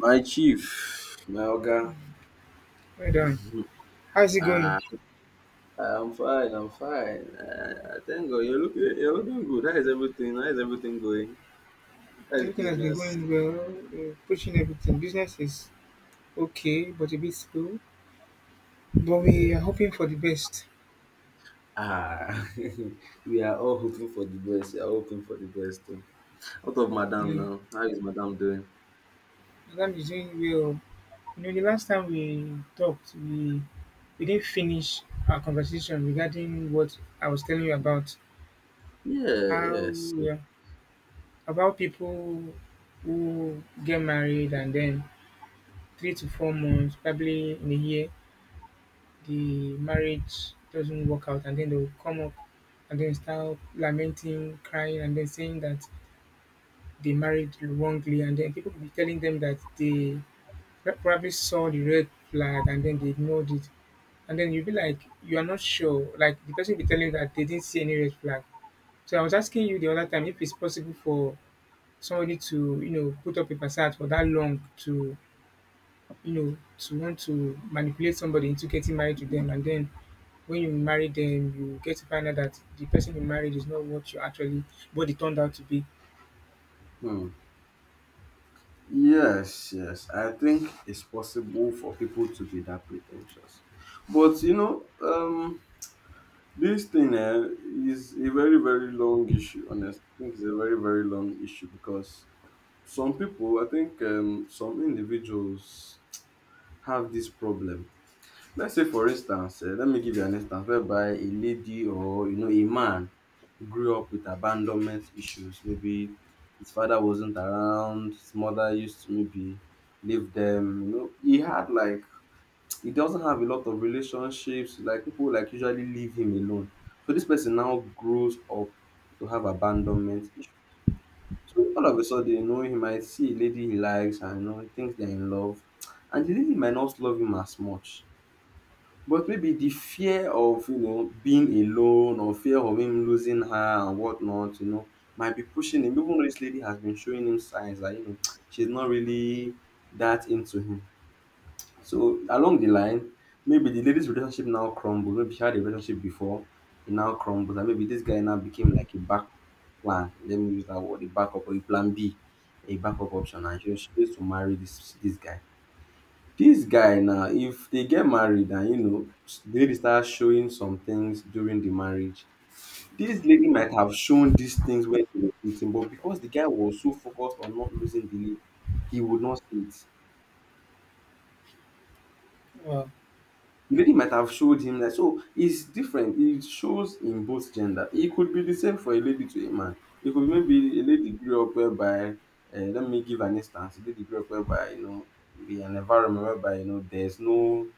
My chief, my oga. Well done. How's it Ah, going? I'm fine. I'm fine. Thank God. You're looking. You're looking good. How is everything? How is everything going? How is Everything has been business? going well. Pushing everything. Business is okay, but a bit slow. But we are hoping for the best. Ah, we are all hoping for the best. We are hoping for the best. Too. What of You Madame know, now? How is Madame doing? Madam is doing well. You know, the last time we talked, we didn't finish our conversation regarding what I was telling you about Yeah. how Yes. uh, about people who get married and then 3 to 4 months, probably in a year, the marriage doesn't work out and then they'll come up and then start lamenting, crying, and then saying that they married wrongly, and then people will be telling them that they probably saw the red flag and then they ignored it. And then you'll be like, you are not sure. Like the person will be telling you that they didn't see any red flag. So I was asking you the other time if it's possible for somebody to, you know, put up a facade for that long to, you know, to want to manipulate somebody into getting married to them and then when you marry them, you get to find out that the person you married is not what you actually what it turned out to be. Hmm. Yes, yes, I think it's possible for people to be that pretentious. But you know, this thing eh, is a very, very long issue, honestly. I think it's a very, very long issue because some people, I think some individuals have this problem. Let's say, for instance, eh, let me give you an instance whereby a lady or, you know, a man grew up with abandonment issues. Maybe his father wasn't around, his mother used to maybe leave them. You know, he had like he doesn't have a lot of relationships, like people like usually leave him alone, so this person now grows up to have abandonment issue, so all of a sudden, you know, he might see a lady he likes and you know he thinks they're in love, and the lady might not love him as much, but maybe the fear of you know being alone or fear of him losing her and whatnot, you know, might be pushing him, even though this lady has been showing him signs that you know she's not really that into him. So along the line, maybe the lady's relationship now crumbles. Maybe she had a relationship before, it now crumbles, and maybe this guy now became like a back plan. Let me use that word, a backup or a plan B, a backup option, and she used to marry this guy. This guy now, if they get married and you know the lady starts showing some things during the marriage, this lady might have shown these things when they were dating, but because the guy was so focused on not losing the lady, he would not see it. Well, The lady might have showed him that. So it's different. It shows in both gender. It could be the same for a lady to a man. It could be maybe a lady grew up whereby, let me give an instance. A lady grew up whereby you know be an environment whereby you know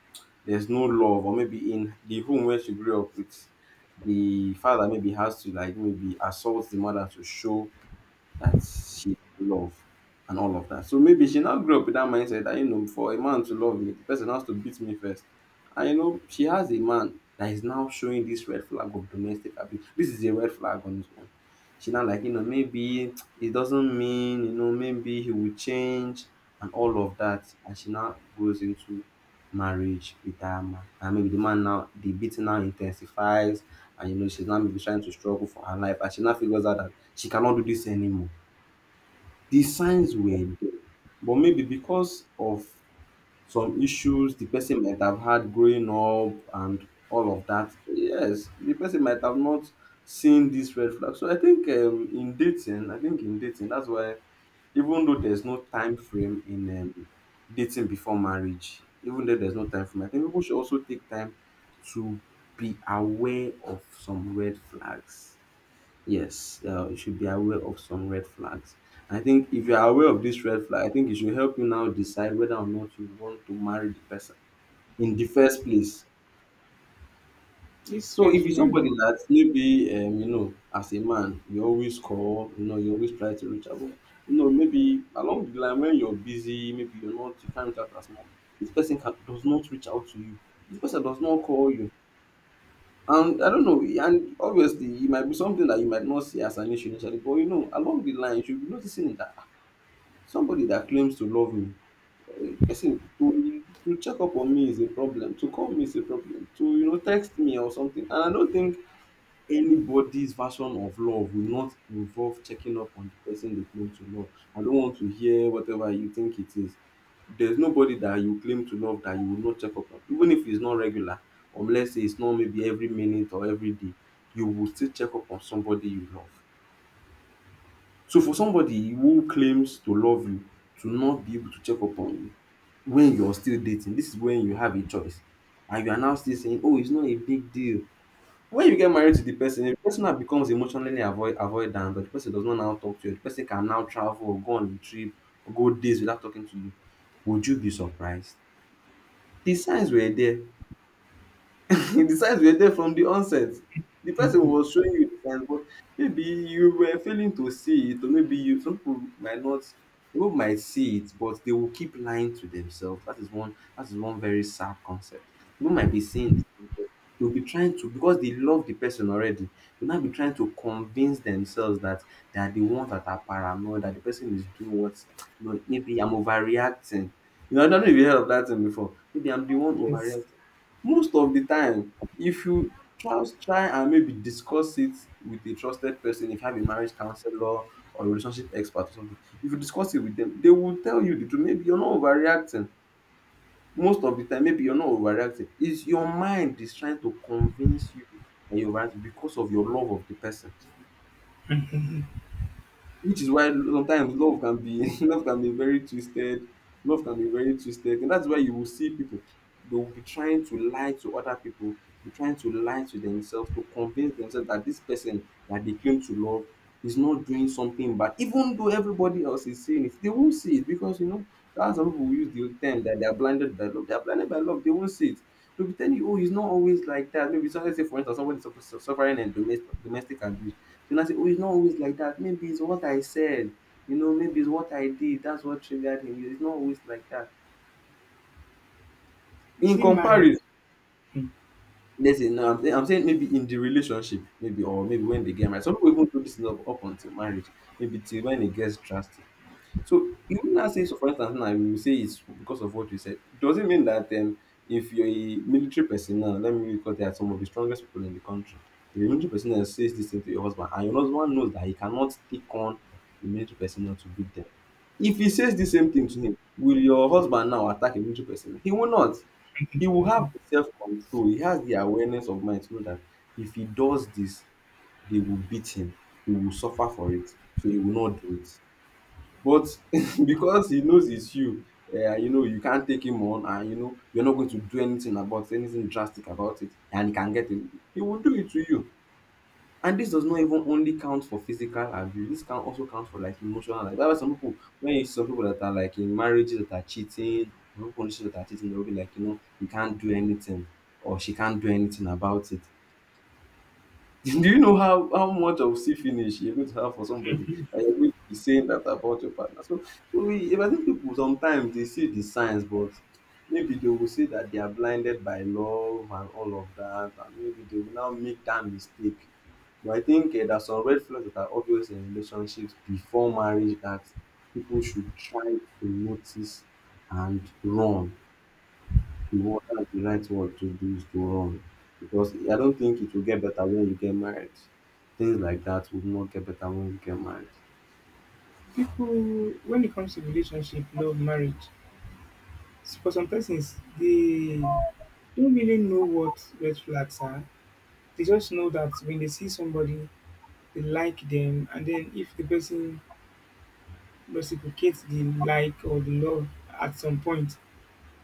there's no love, or maybe in the home where she grew up with, the father maybe has to like maybe assault the mother to show that she love and all of that. So maybe she now grew up with that mindset that you know, for a man to love me, the person has to beat me first. And you know, she has a man that is now showing this red flag of domestic abuse. This is a red flag on his own. She now like, you know, maybe it doesn't mean, you know, maybe he will change and all of that. And she now goes into marriage with that man. And maybe the man now the beating now intensifies, and you know she's now maybe trying to struggle for her life and she now figures out that she cannot do this anymore. The signs were there, but maybe because of some issues the person might have had growing up and all of that, yes, the person might have not seen these red flags. So I think in dating, I think in dating, that's why even though there's no time frame in dating before marriage, even though there's no time frame, I think people should also take time to be aware of some red flags. Yes, you should be aware of some red flags. I think if you are aware of this red flag, I think it should help you now decide whether or not you want to marry the person in the first place. this So red if it's somebody flag. that maybe you know, as a man, you always call, you know, you always try to reach out, but, you know, maybe along the line when you're busy, maybe you're not, you can't reach out as much. This person can, does not reach out to you. This person does not call you. And I don't know, and obviously it might be something that you might not see as an issue initially, but you know, along the line, you should be noticing that ah, somebody that claims to love me, eh, listen, to check up on me is a problem, to call me is a problem, to you know, text me or something. And I don't think anybody's version of love will not involve checking up on the person they claim to love. I don't want to hear whatever you think it is. There's nobody that you claim to love that you will not check up on, even if it's not regular, or let's say it's not maybe every minute or every day, you will still check up on somebody you love. So for somebody who claims to love you to not be able to check up on you when you're still dating, this is when you have a choice. And you are now still saying, oh, it's not a big deal. When you get married to the person, if the person now becomes emotionally avoidant, or the person does not now talk to you, the person can now travel or go on a trip or go days without talking to you, would you be surprised? The signs were there. The signs were there from the onset. The person Mhm. was showing you the signs, but maybe you were failing to see it, or maybe you some people might not people might see it, but they will keep lying to themselves. That is one, that is one very sad concept. People might be seeing this, but they'll be trying to, because they love the person already, they'll now be trying to convince themselves that they are the ones that are paranoid, that the person is doing what you know, maybe I'm overreacting. You know, I don't know if you heard of that thing before. Maybe I'm the one Yes. overreacting. Most of the time, if you try and maybe discuss it with a trusted person, if you have a marriage counselor or a relationship expert or something, if you discuss it with them, they will tell you the truth. Maybe you're not overreacting. Most of the time, maybe you're not overreacting. It's your mind is trying to convince you that you're right because of your love of the person. Which is why sometimes love can be love can be very twisted. Love can be very twisted, and that's why you will see people they will be trying to lie to other people, be trying to lie to themselves to convince themselves that this person that they claim to love is not doing something bad, even though everybody else is seeing it. They won't see it because you know that's some people who use the term that they are blinded by love. They are blinded by love. They won't see it. They'll be telling you, oh, he's not always like that. Maybe so let's say for instance somebody suffering and domestic abuse so now say, oh, he's not always like that. Maybe it's what I said. You know, maybe it's what I did. That's what triggered him. It's not always like that. You In see, marriage. comparison, Mhm. let's say, no, I'm saying maybe in the relationship, maybe, or maybe when they get married. Some people even do this up until marriage. Maybe till when it gets drastic. So you would not say, so for instance, now you will say it's because of what you said. Does it mean that if you're a military personnel, let me because they are some of the strongest people in the country, if a military personnel says this thing to your husband and your husband knows that he cannot take on a military personnel to beat them, if he says the same thing to him, will your husband now attack a military personnel? He will not. He will have the self control. He has the awareness of mind to know that if he does this, they will beat him. He will suffer for it. So he will not do it. But because he knows it's you, eh, you know, you can't take him on and you know you're not going to do anything about anything drastic about it and he can get it, he will do it to you. And this does not even only count for physical abuse, this can also count for like emotional. Like that's why some people when you see some people that are like in marriages that are cheating or people conditions that are cheating, they'll be like, you know, he can't do anything or she can't do anything about it. Do you know how much of see finish you're going to have for somebody and you're going to be saying that about your partner? So, so we, if I think people sometimes they see the signs, but maybe they will say that they are blinded by love and all of that, and maybe they will now make that mistake. But I think there's some red flags that are obvious in relationships before marriage that people should try to notice and run. No, that's the right word to do is to run, because I don't think it will get better when you get married. Things like that would not get better when you get married. People when it comes to relationship, love, marriage, for some persons they don't really know what red flags are. They just know that when they see somebody, they like them, and then if the person reciprocates the like or the love at some point,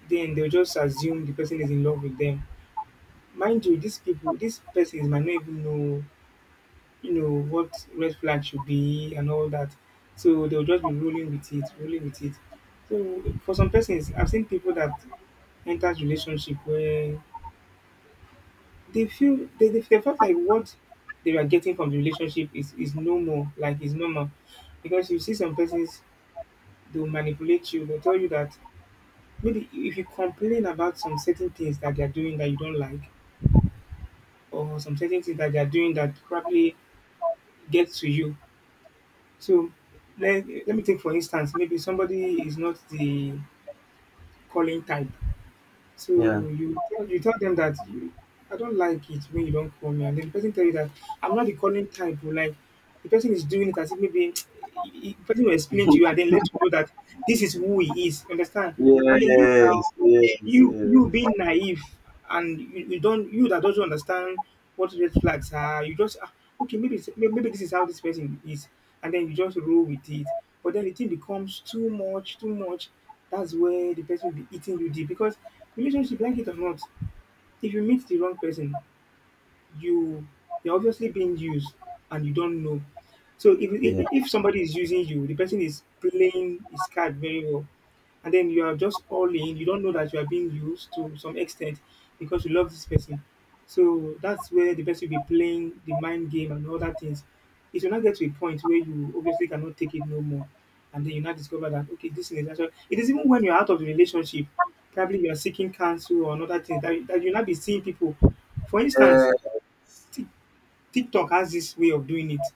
then they'll just assume the person is in love with them. Mind you, these people, these persons might not even know, what red flag should be and all that. So they'll just be rolling with it, rolling with it. So for some persons, I've seen people that enters relationship where they feel they felt like what they were getting from the relationship is normal, like is normal. Because you see some persons they'll manipulate you, they'll tell you that maybe if you complain about some certain things that they're doing that you don't like, or some certain things that they're doing that probably get to you. So let me take for instance, maybe somebody is not the calling type. So Yeah. you tell them that I don't like it when you don't call me, and then the person tell you that I'm not the calling type. Or like the person is doing it as if maybe the person will explain to you and then let you know that this is who he is. Understand? And then you Yes. now Yes. you Yes. being naive and you that doesn't understand what red flags are, you just okay maybe this is how this person is, and then you just roll with it. But then the thing becomes too much, too much. That's where the person will be eating you deep because relationship, like it or not, if you meet the wrong person, you you're obviously being used and you don't know. So if if Yeah. if somebody is using you, the person is playing his card very well, and then you are just all in. You don't know that you are being used to some extent because you love this person. So that's where the person will be playing the mind game and other things. It will not get to a point where you obviously cannot take it no more, and then you now discover that okay, this thing is actually. It is even when you're out of the relationship, probably you are seeking counsel or another thing that you now be seeing people. For instance, Yeah. Tik- TikTok has this way of doing it.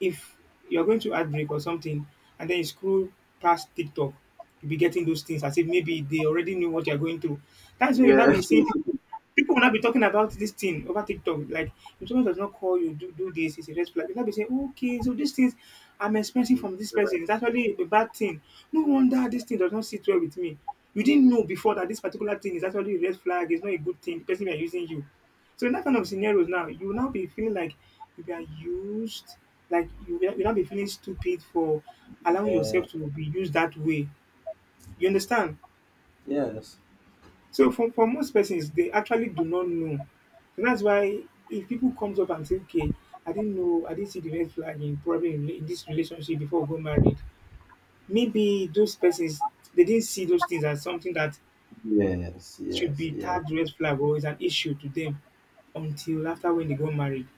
If you're going to ad break or something, and then you scroll past TikTok, you'll be getting those things as if maybe they already knew what you're going through. That's when you'll not be Yeah. seeing people. People will not be talking about this thing over TikTok. Like, if someone does not call you, do this, it's a red flag. You'll not be saying, okay, so these things I'm expecting from this person is actually a bad thing. No wonder this thing does not sit well with me. You didn't know before that this particular thing is actually a red flag, it's not a good thing, the person you are using you. So in that kind of scenarios now, you will now be feeling like you are used, like you now be feeling stupid for allowing Uh, yourself to be used that way. You understand? yes. So for most persons, they actually do not know. So that's why if people comes up and say, okay, I didn't know, I didn't see the red flag in probably in this relationship before we got married. Maybe those persons they didn't see those things as something that Yes. should Yes. be Yes. tagged red flag or is an issue to them until after when they got married.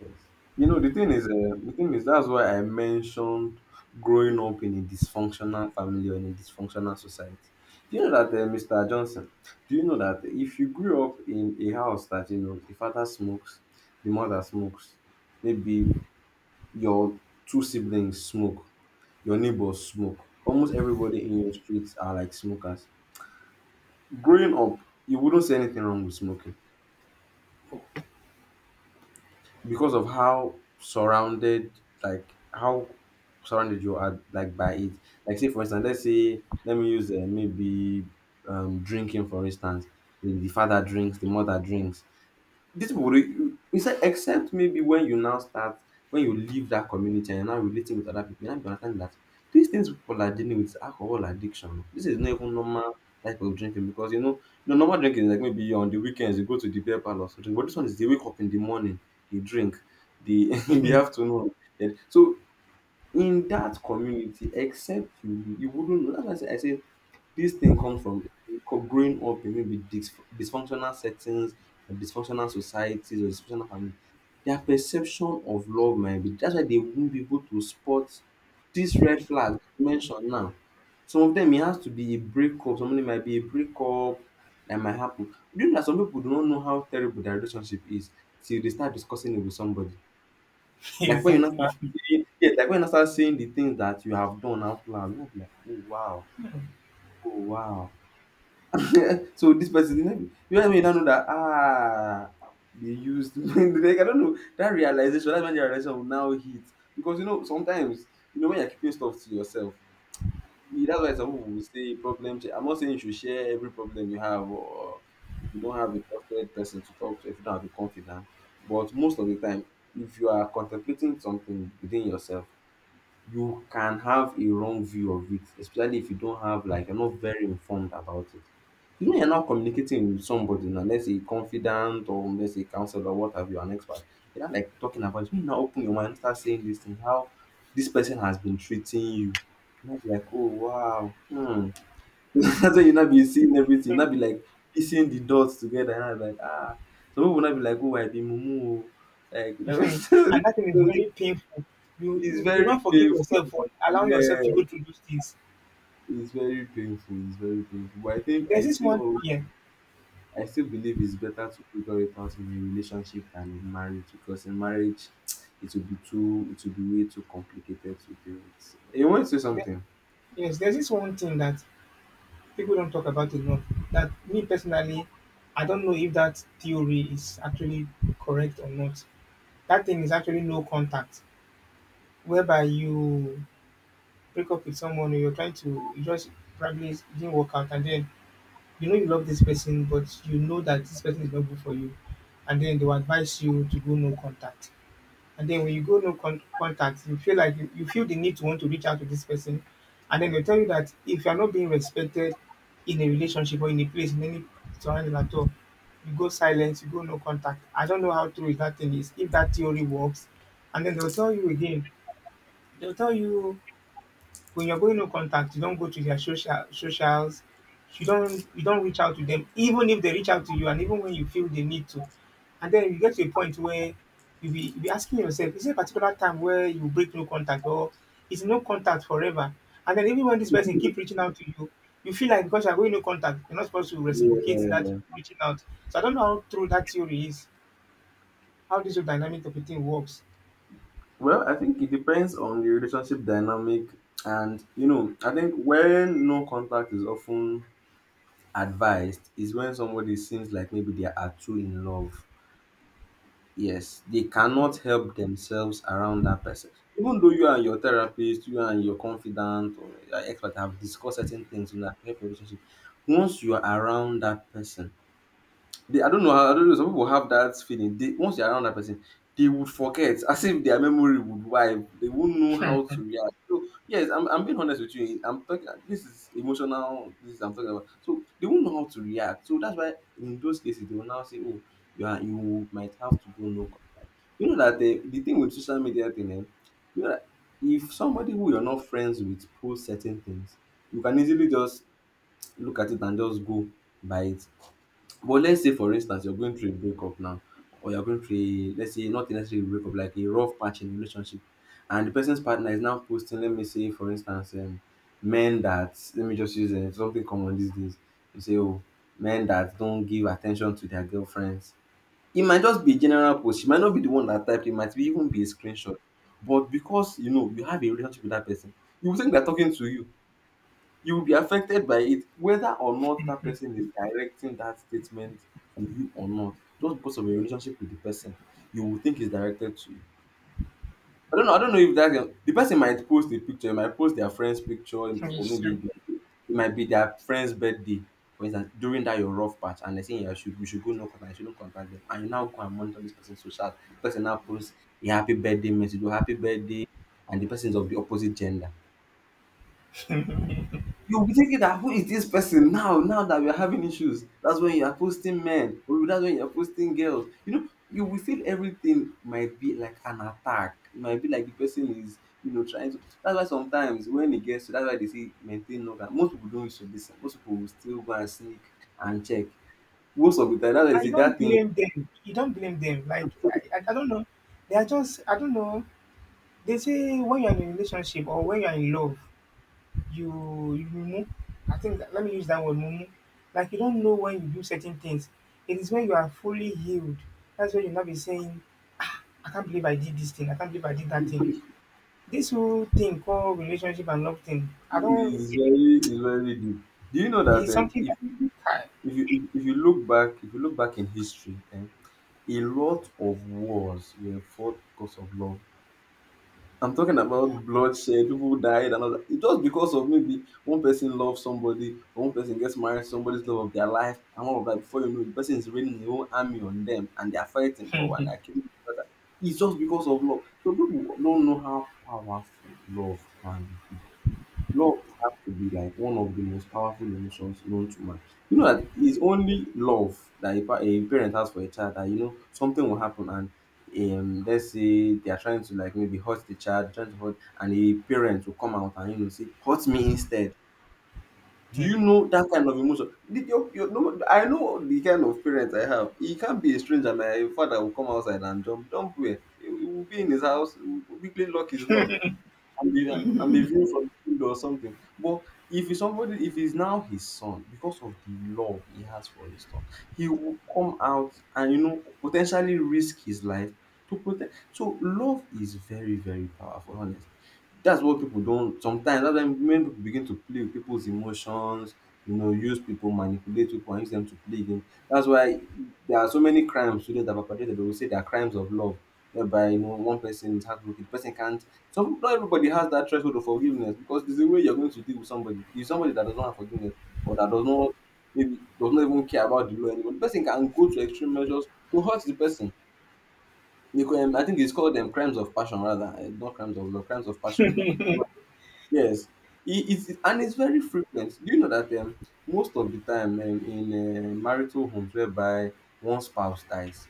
Yes. You know, the thing is, that's why I mentioned growing up in a dysfunctional family or in a dysfunctional society. Do you know that, Mr. Johnson? Do you know that if you grew up in a house that you know the father smokes, the mother smokes, maybe your two siblings smoke, your neighbors smoke, almost everybody in your streets are like smokers. Growing up, you wouldn't say anything wrong with smoking, because of how surrounded, like how surrounded you are like by it. Like say for instance, let's say let me use maybe drinking for instance, the father drinks, the mother drinks. These people will, except except maybe when you now start, when you leave that community and you're now relating with other people, you now be understanding that these things people are dealing with is alcohol addiction. This is not even normal type of drinking, because you know the normal drinking is like maybe on the weekends you go to the beer parlor or something, but this one is they wake up in the morning, they drink, they in the afternoon. So in that community, except you, you wouldn't know. That's why I say this thing comes from growing up in maybe dysfunctional settings or dysfunctional societies or dysfunctional families. Their perception of love might be that's why they won't be able to spot this red flag mentioned now. Some of them it has to be a breakup, some of them might be a breakup that might happen. You know that some people do not know how terrible their relationship is till they start discussing it with somebody. Like when you now exactly. start saying, yeah, like when you now start saying the things that you have done out loud, you know, like, oh wow, oh wow. So this person, you know you now know that ah, they used. Like I don't know, that realization, that's when the realization will now hit, because you know sometimes, you know, when you're keeping stuff to yourself, that's why some people will say problem share. I'm not saying you should share every problem you have, or if you don't have a trusted person to talk to, if you don't have a confidant. But most of the time, if you are contemplating something within yourself, you can have a wrong view of it, especially if you don't have, like, you're not very informed about it. You know, you're not communicating with somebody, now let's say confidant or let's say counselor, what have you, an expert. You're not like talking about it. When you now open your mind and start saying this thing, how this person has been treating you. You might be like, oh wow, hmm. That's why you not be seeing everything. You not be like piecing the dots together. And I'm like, ah. Some people not be like, oh, I be mumu. Oh. Like, you know, so and that thing is very painful. You, it's you you very not forgive painful. yourself for allowing Yeah. yourself to go through those things. It's very painful. It's very painful. But I think There's this one, yeah. I still believe it's better to figure it out in a relationship than in marriage, because in marriage it will be too, it will be way too complicated to deal with. You want to say there, something? yes. There's this one thing that people don't talk about enough. That me personally, I don't know if that theory is actually correct or not. That thing is actually no contact, whereby you break up with someone or you're trying to you just probably it didn't work out, and then you know you love this person, but you know that this person is not good for you, and then they will advise you to go no contact. And then when you go no con- contact, you feel like you feel the need to want to reach out to this person. And then they tell you that if you are not being respected in a relationship or in a place, in any surrounding at all, you go silent, you go no contact. I don't know how true is that thing is, if that theory works. And then they'll tell you again, they'll tell you when you're going no contact, you don't go to their socials, you don't reach out to them, even if they reach out to you, and even when you feel they need to. And then you get to a point where you be asking yourself, is there a particular time where you break no contact or is no contact forever? And then even when this person keep reaching out to you, you feel like because you're going no contact, you're not supposed to Yeah. reciprocate that reaching out. So I don't know how true that theory is, how this whole dynamic of a thing works. Well, I think it depends on the relationship dynamic, and you know, I think when no contact is often advised is when somebody seems like maybe they are too in love, yes, they Okay. cannot help themselves around that person, even though you and your therapist, you and your confidant or your expert, have discussed certain things in that help relationship. Once you are around that person, they, I don't know. I don't know. Some people have that feeling. They, once they're around that person, they would forget, as if their memory would wipe. They won't know how to react. So yes, I'm being honest with you. I'm talking. This is emotional. This is I'm talking about. So they won't know how to react. So that's why in those cases they will now say, "Oh, you are, you might have to go no contact." You know that the thing with social media thing, eh, you know that if somebody who you're not friends with posts certain things, you can easily just look at it and just go by it. But let's say for instance you're going through a breakup now, or you're going through a, let's say not necessarily a breakup, like a rough patch in a relationship, and the person's partner is now posting, let me say for instance, men that, let me just use something common these days. You say, oh, men that don't give attention to their girlfriends. It might just be a general post. She might not be the one that typed. It might be even be a screenshot. But because you know you have a relationship with that person, you would think they're talking to you. You will be affected by it whether or not that person is directing that statement to you or not. Just because of your relationship with the person, you will think it's directed to you. I don't know, I don't know if that, the person might post a picture, might post their friend's picture, or maybe it might be their friend's birthday for instance, during that your rough patch, and they saying you should, you should go no contact, you shouldn't contact them, and you now go and monitor this person's social. The person now posts a happy birthday message or happy birthday, and the person is of the opposite gender. You'll be thinking that who is this person now, now that we're having issues. That's when you are posting men, or that's when you're posting girls. You know, you will feel everything might be like an attack. It might be like the person is, you know, trying to, that's why sometimes when it gets to, that's why they say maintain order. Most people don't used to listen. Most people will still go and sneak and check. Most of the time, that's why they I say don't that thing blame them. You don't blame them. Like I don't know. They are just I don't know. They say when you're in a relationship or when you're in love, you mumu. I think that, let me use that word mumu. Like you don't know when you do certain things. It is when you are fully healed. That's when you'll not be saying, ah, I can't believe I did this thing. I can't believe I did that thing. This whole thing called relationship and love thing. I don't. is very, is very deep. Do you know that It's something if that if you if you look back if you look back in history, eh, a lot of wars were fought because of love. I'm talking about bloodshed, people died, and all that. It's just because of maybe one person loves somebody, or one person gets married to somebody's love of their life, and all of that. Before you know it, the person is raining a whole army on them, and they are fighting or and they're killing each other. It's just because of love. So people don't know how powerful love can be. Love has to be like one of the most powerful emotions known to man. You know that it's only love that a, a parent has for a child, that you know something will happen and let's say they are trying to like maybe hurt the child, trying to hurt, and a parent will come out and you know say hurt me instead. Do I, you know that kind of emotion? Did your, no, I know the kind of parents I have. He can't be a stranger. My father will come outside and jump, jump where he will be in his house, will quickly lock his door and be and be viewed from the field or something. But if it's somebody, if it's now his son, because of the love he has for his son, he will come out and you know potentially risk his life to protect. So love is very very powerful. Honestly, that's what people don't sometimes. That's when people begin to play with people's emotions. You know, use people, manipulate people, and use them to play game. That's why there are so many crimes today that are perpetrated. They will say they are crimes of love, whereby you know one person is heartbroken, the person can't some not everybody has that threshold of forgiveness because there's a way you're going to deal with somebody. If somebody that does not have forgiveness or that does not maybe does not even care about the law anymore, the person can go to extreme measures to hurt the person. You can, I think it's called them crimes of passion rather, not crimes of love, crimes of passion. But yes, and it's very frequent. Do you know that most of the time in marital homes whereby one spouse dies,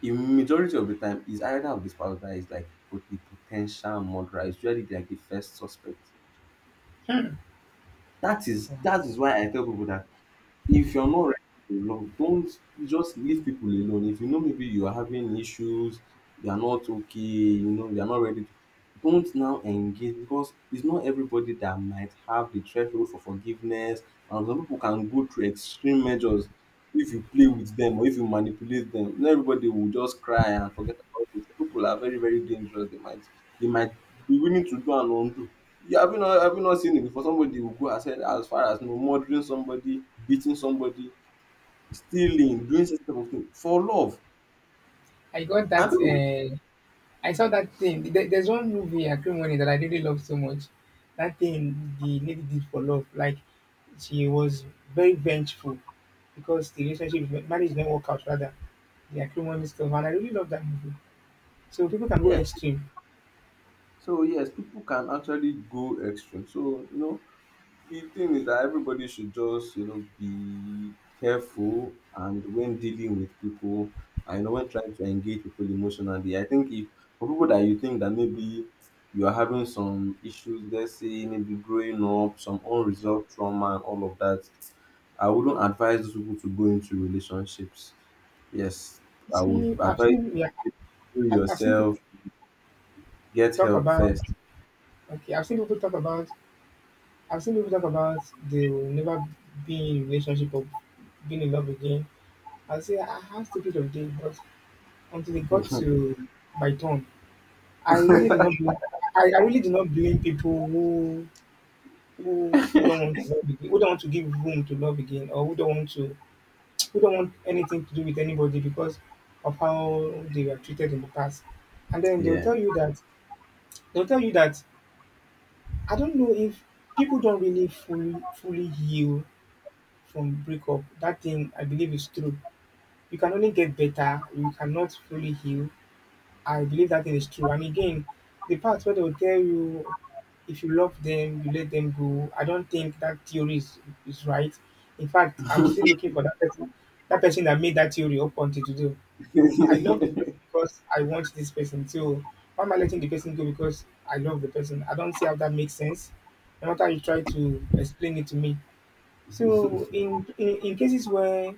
in majority of the time is either of the spouse that is like the potential murderer. It's usually like the first suspect. That is hmm, that is why I tell people that if you're not ready to love, don't just leave people alone. If you know maybe you are having issues, they are not okay, you know, you are not ready to don't now engage because it's not everybody that might have the threshold for forgiveness. And some people can go through extreme measures if you play with them or if you manipulate them. Not everybody will just cry and forget about it. Some people are very, very dangerous. They might be willing to do and undo. Yeah, have you not seen it before? Somebody will go as far as you know murdering somebody, beating somebody, stealing, doing such type of thing for love. I got that. And people, I saw that thing. There's one movie I couldn't win it that I really love so much. That thing the lady did for love, like she was very vengeful because the relationship marriage didn't work out rather. The acrimony stuff, and I really love that movie. So people can go yes, extreme. so yes, people can actually go extreme. So you know, the thing is that everybody should just you know be careful and when dealing with people, and you know when trying to engage people emotionally. I think if for people that you think that maybe you are having some issues, let's say maybe growing up, some unresolved trauma and all of that, I wouldn't advise those people to go into relationships. Yes, I would See, I've advise seen yeah, you to do I've seen people yourself, get talk help about first. okay, I've seen people talk about they'll never be in a relationship or being in love again. I'll say ah, how stupid of them, but until they got to my turn I really do not blame I really do not blame people who don't want to love again, who don't want to give room to love again, or who don't want anything to do with anybody because of how they were treated in the past. And then Yeah. They'll tell you that I don't know if people don't really fully heal from breakup. That thing I believe is true. You can only get better. You cannot fully heal I believe that is true. And again, the part where they'll tell you if you love them, you let them go. I don't think that theory is right. In fact, I'm still looking for that person, that made that theory up until today. Yeah, I love this person because I want this person. So why am I letting the person go because I love the person? I don't see how that makes sense. No matter you try to explain it to me, so in cases where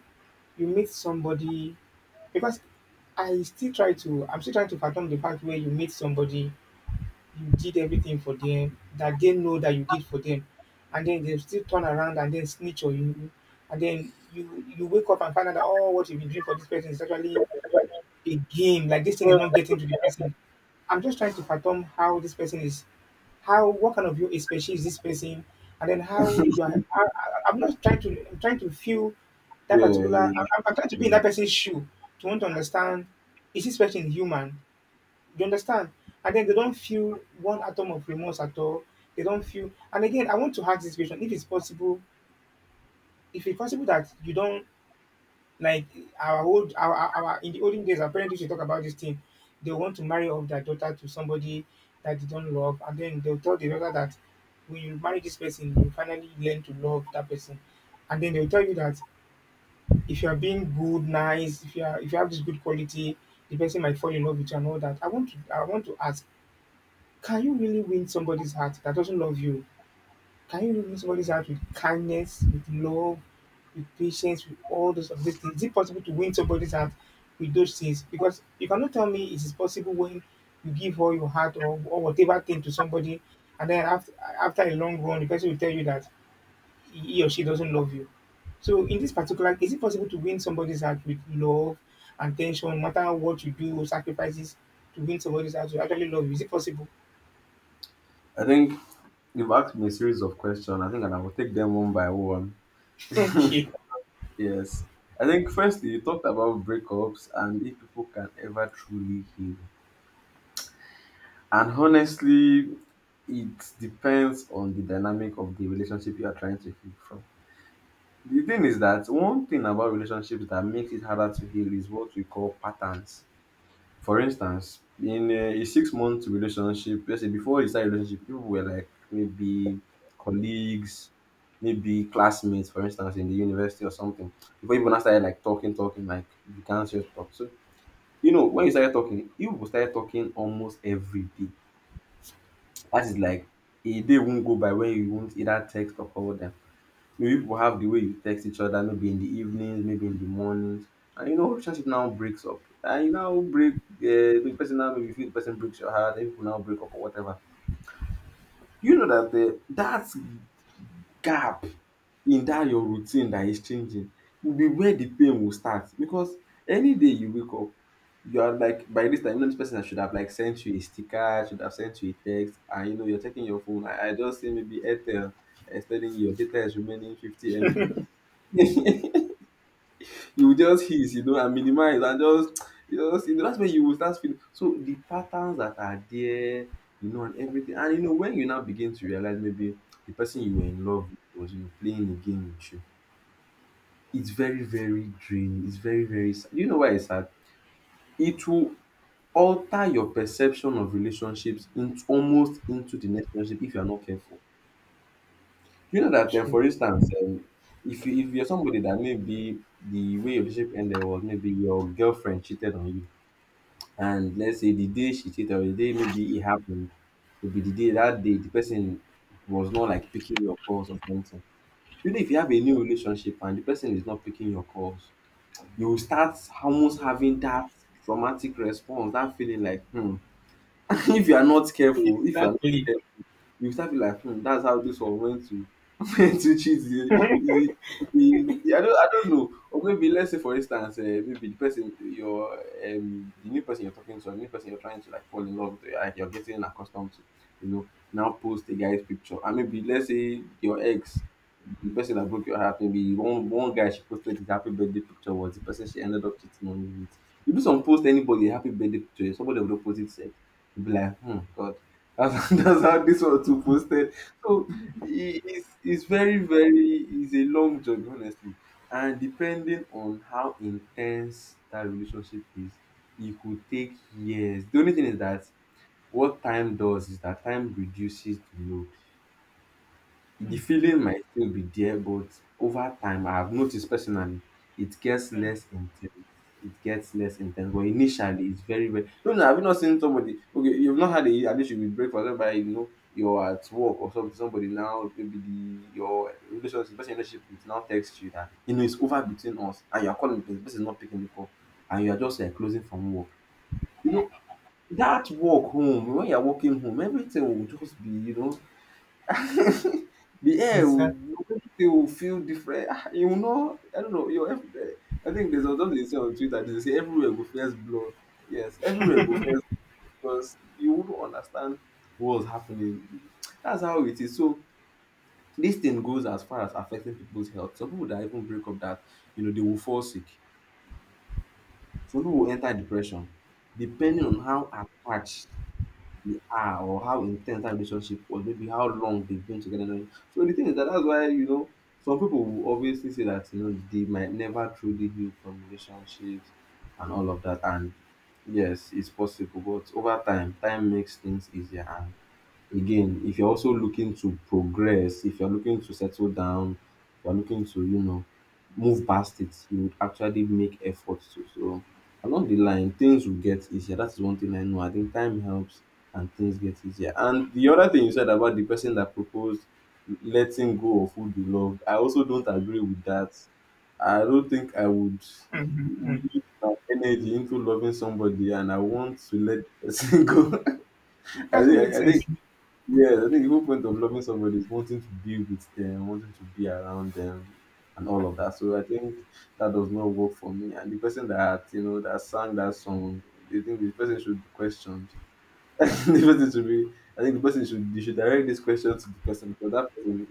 you meet somebody, because I'm still trying to fathom the fact where you meet somebody, you did everything for them that they know that you did for them, and then they still turn around and then snitch on you, and then you wake up and find out that oh, what you've been doing for this person is actually again. Like this thing is not getting to the person. I'm just trying to fathom how this person is, how what kind of you species is this person, and then how you are. I, I'm not trying to. I'm trying to feel that particular. I, yeah. I'm I'm trying to be in Mm. that person's shoe to want to understand. Is this person human? You understand? And then they don't feel one atom of remorse at all. They don't feel. And again, I want to ask this question: If it's possible that you don't like our old, our- in the olden days, our parents used to talk about this thing. They want to marry off their daughter to somebody that they don't love, and then they'll tell the daughter that when you marry this person, you finally learn to love that person. And then they'll tell you that if you are being good, nice, if you have this good quality, the person might fall in love with you and all that. I want to ask, can you really win somebody's heart that doesn't love you? Can you bring somebody's heart with kindness, with love, with patience, with all those of these things? Is it possible to win somebody's heart with those things? Because you cannot tell me it is possible when you give all your heart or whatever thing to somebody, and then after a long run, the person will tell you that he or she doesn't love you. So in this particular, is it possible to win somebody's heart with love and attention, no matter what you do, sacrifices to win somebody's heart to actually love you? Is it possible? I think you've asked me a series of questions. I think and I will take them one by one. Okay. Yes. I think firstly you talked about breakups and if people can ever truly heal. And honestly, it depends on the dynamic of the relationship you are trying to heal from. The thing is that one thing about relationships that makes it harder to heal is what we call patterns. For instance, in a six-month relationship, let's say before you start a relationship, people were like maybe colleagues, maybe classmates, for instance, in the university or something. Before you even started like talking, like began serious talk. So, you know, when you started talking, you will start talking almost every day. That is like a day won't go by when you won't either text or call them. Maybe people have the way you text each other, maybe in the evenings, maybe in the mornings, and you know relationship now breaks up. And you now break, the person now maybe you feel the person breaks your heart, and people now break up or whatever. You know that the that gap in that your routine that is changing will be where the pain will start because any day you wake up you are like by this time you know this person should have like sent you a sticker, should have sent you a text, and you know you're checking your phone. I just say maybe airtel is telling you your data is remaining 50 mb. You will just hiss, you know, and minimize and just you know, just you know, that's when you will start feeling. So the patterns that are there, you know, and everything. And you know, when you now begin to realize maybe the person you were in love with was, you know, playing a game with you, it's very, very draining. It's very, very sad. You know why it's sad? It will alter your perception of relationships into almost into the next relationship if you are not careful. You know that, True. for instance, if you if you're somebody that maybe the way your relationship ended was maybe your girlfriend cheated on you. And let's say the day she cheated, or the day maybe it happened, maybe the day that day the person was not like picking your calls or something. Even if you have a new relationship and the person is not picking your calls, you will start almost having that traumatic response, that feeling like, hmm, if you are not careful, if you are not you start feel like hmm, that's how this one went to went to cheat the I don't, know. Or maybe let's say for instance maybe the new person you're talking to or the new person you're trying to like fall in love with, like you're getting accustomed to, you know, now post a guy's picture. And maybe let's say your ex, the person that broke your heart, maybe one guy she posted his happy birthday picture was the person she ended up cheating on you with. You do some, post anybody a happy birthday picture, somebody of post it, sex, you be like hmm god, and that's how this one too posted. So it's it's very, very, it's a long journey, honestly, and depending on how intense that relationship is, it could take years. The only thing is that what time does is that time reduces the load. The feeling might still be there, but over time, I have noticed personally, it gets less intense. It gets less intense, but initially, it's very, very. No, no, have you not seen somebody? Okay, you've not had a an issue with breakfast, whereby you know you're at work or something. Somebody now, maybe the your relationship, the person you relationship with now text you that you know it's over between us, and you're calling the person is not picking the call, and you're just like closing from work. You know that walk home, when you're walking home, everything will just be, you know, the air Is will, that? everything will feel different. Ah, you know, I don't know. Your I think there's something they say on Twitter. They say everywhere go first blow. Yes, everywhere go first, because you wouldn't understand what's happening. That's how it is. So this thing goes as far as affecting people's health. Some people that even break up that, you know, they will fall sick. Some people will enter depression, depending on how attached they are or how intense that relationship was, maybe how long they've been together, and all. So the thing is that that's why you know some people will obviously say that you know they might never truly heal from relationships and all of that. And yes, it's possible, but over time, time makes things easier. And again, if you're also looking to progress, if you're looking to settle down, if you're looking to, you know, move past it, you would actually make efforts to. So along the line, things will get easier. That's one thing I know. I think time helps and things get easier. And the other thing you said about the person that proposed letting go of who they love, I also don't agree with that. I don't think I would we use my energy into loving somebody and I want to let the person go. I Doesn't make think I sense. think yes, I think the whole point of loving somebody is wanting to be with them, wanting to be around them, and all of that. So I think that does not work for me. And the person that you know that sang that song, they think the person should be questioned. The person should be. I think the person should. You should direct this question to the person because that person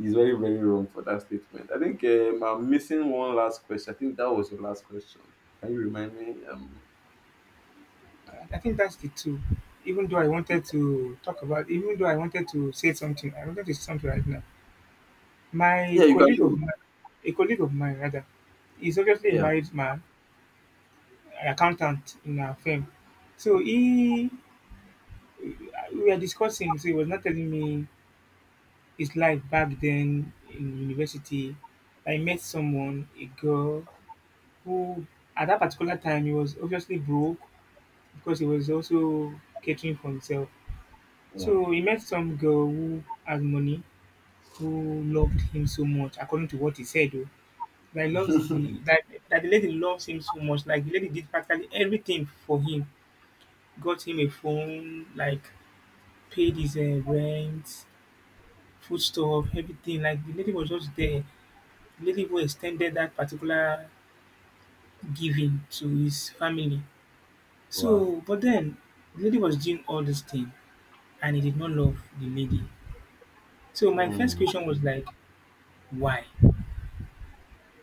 is very, very wrong for that statement. I think I'm missing one last question. I think that was your last question. Can you remind me? I think that's the two. Even though I wanted to say something, I wanted to say something right now. My Yeah, you can colleague of do. mine, a colleague of mine rather, is obviously a Yeah, married man, an accountant in our firm. So he, we were discussing. So he was not telling me his life back then in university. I met someone, a girl, who at that particular time he was obviously broke because he was also catering for himself. yeah. So he met some girl who had money, who loved him so much, according to what he said. Oh, that he loves the that that the lady loves him so much. Like the lady did practically everything for him. Got him a phone, like paid his rent, food stuff, everything. Like the lady was just there. The lady who extended that particular giving to his family. Wow. So, but then the lady was doing all this thing, and he did not love the lady. So my first Hmm. question was like, why?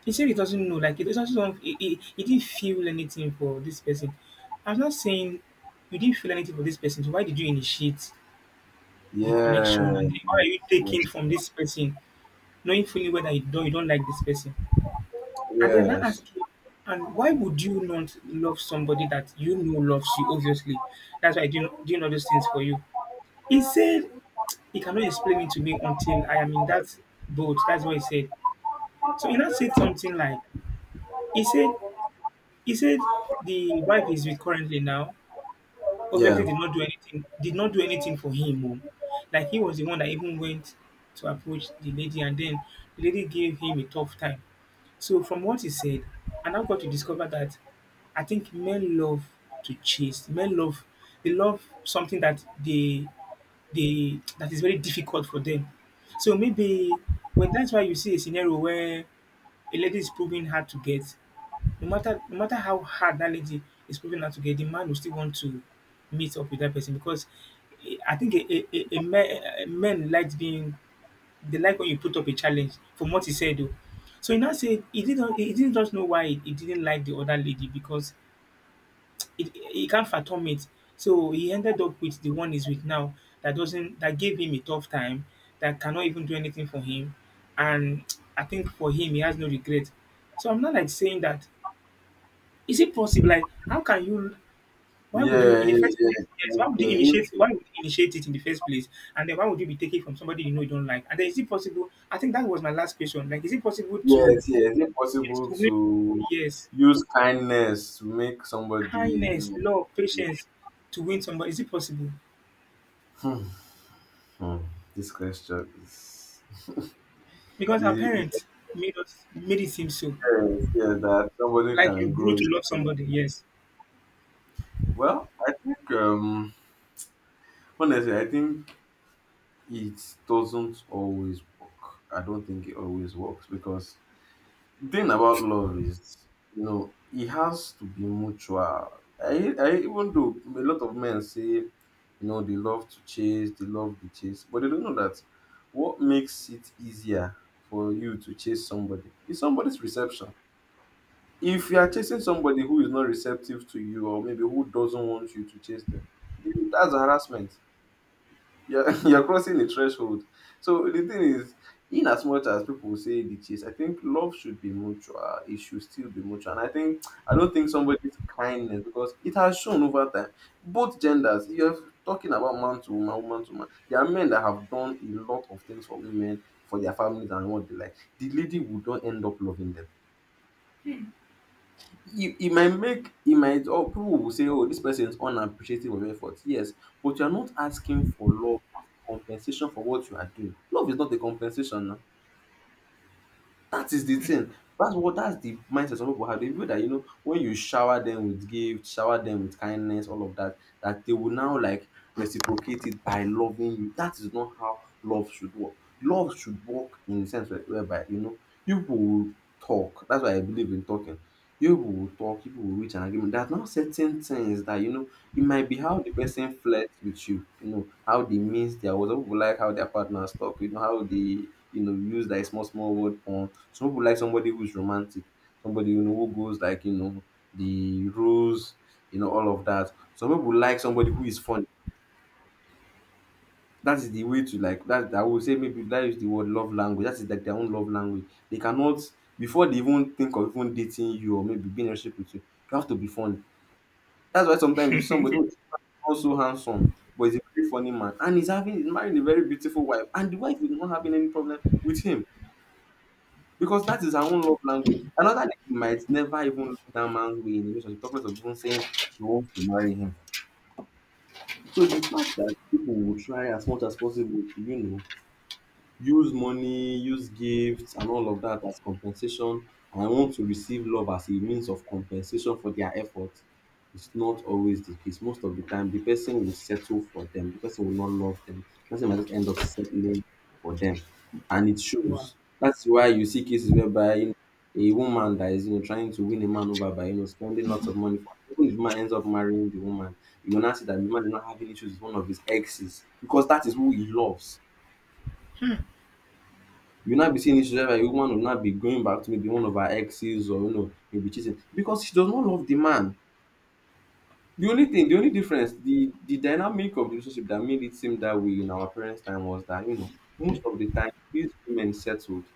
He said he doesn't know, like he doesn't know, he didn't feel anything for this person. I'm not saying you didn't feel anything for this person, so why did you initiate the connection? And Yes. then why are you taking from this person, knowing fully whether you don't like this person? And they are not Yes. asking. And why would you not love somebody that you know loves you, obviously? That's why doing all those things for you. He said he cannot explain it to me until I am in that boat. That's what he said. So he now said something like, he said He said the wife he's with currently now Yeah. obviously did not do anything for him. Oh. Like he was the one that even went to approach the lady and then the lady gave him a tough time. So from what he said, and I now got to discover that I think men love to chase. Men love they love something that they that is very difficult for them. So maybe when that's why you see a scenario where a lady is proving hard to get, no matter how hard that lady is proving her to get, the man will still want to meet up with that person because eh, I think a men likes being they like when you put up a challenge from what he said oh. So he now said he didn't just know why he didn't like the other lady because it he can't fathom it. So he ended up with the one he's with now that doesn't that gave him a tough time, that cannot even do anything for him. And I think for him he has no regret. So I'm not like saying that is it possible? Like, how can you why would you Yeah, in the yeah, first place yeah. yes, Okay. If- why would you initiate it in the first place? And then why would you be taking from somebody you know you don't like? And then is it possible I think that was my last question. Like, is it possible to yes, yes. If yes, possible to win to yes, use kindness to make somebody, kindness, you love, know. patience to win somebody? Is it possible? Hmm, hmm. This question is Because our is parents made it seem so. yes, yeah, that somebody Like you can grow grow to love into. somebody, yes. Well, I think honestly, I think it doesn't always work. I don't think it always works because the thing about love is, you know, it has to be mutual. I, even though a lot of men say, you know, they love to chase, they love the chase, but they don't know that what makes it easier for you to chase somebody is somebody's reception. If you are chasing somebody who is not receptive to you or maybe who doesn't want you to chase them, that's harassment. You're, you're crossing the threshold. So the thing is, in as much as people say the chase, I think love should be mutual. It should still be mutual. And I think I don't think somebody's kindness because it has shown over time. Both genders, if you're talking about man to woman, woman to man. There are men that have done a lot of things for women, for their families and what they like. The lady would not end up loving them e e might make e might or people will say oh dis person is unappreciative of effort, yes, but you are not asking for love as compensation for what you are doing. Love is not a compensation na. That is the thing. That's the mindset some people have. They feel that you know when you shower them with gifts, shower them with kindness, all of that, that they will now like reciprocate it by loving you. That is not how love should work. Love should work in the sense whereby you know you people will talk. That's why I believe in talking. You people will talk. People will reach an agreement. There are now certain things that you know it might be how the person flirts with you. You know how they means their words. Some people like how their partners talk. You know how they you know use like small small word porn. Some people like somebody who's romantic, somebody you know who goes like you know the rules, you know all of that. Some people like somebody who is funny. That is the way to like that. I would say maybe that is the word love language. That is like their own love language. They cannot before they even think of even dating you or maybe being in a relationship with you. You have to be funny. That's why sometimes if somebody is also handsome but he's a very funny man and he's marrying a very beautiful wife and the wife is not having any problem with him. Because that is her own love language. Another lady might never even look that man's way in a relationship, talkless of even saying she wants to marry him. So the fact that people will try as much as possible to, you know, use money, use gifts, and all of that as compensation. And I want to receive love as a means of compensation for their effort. It's not always the case. Most of the time, the person will settle for them. The person will not love them. The person might just end up settling for them, and it Wow. shows. That's why you see cases whereby you know, a woman that is you know trying to win a man over by you know spending lots of money, for even if the man ends up marrying the woman, you will not see that the man is not having issues with one of his exes because that is who he loves. You will now be seeing issues whereby a woman will not be going back to maybe one of her exes or you know maybe be cheating because she does not love the man. The only thing, the only difference, the dynamic of the relationship that made it seem that way in our parents' time was that you know most of the time these women settled.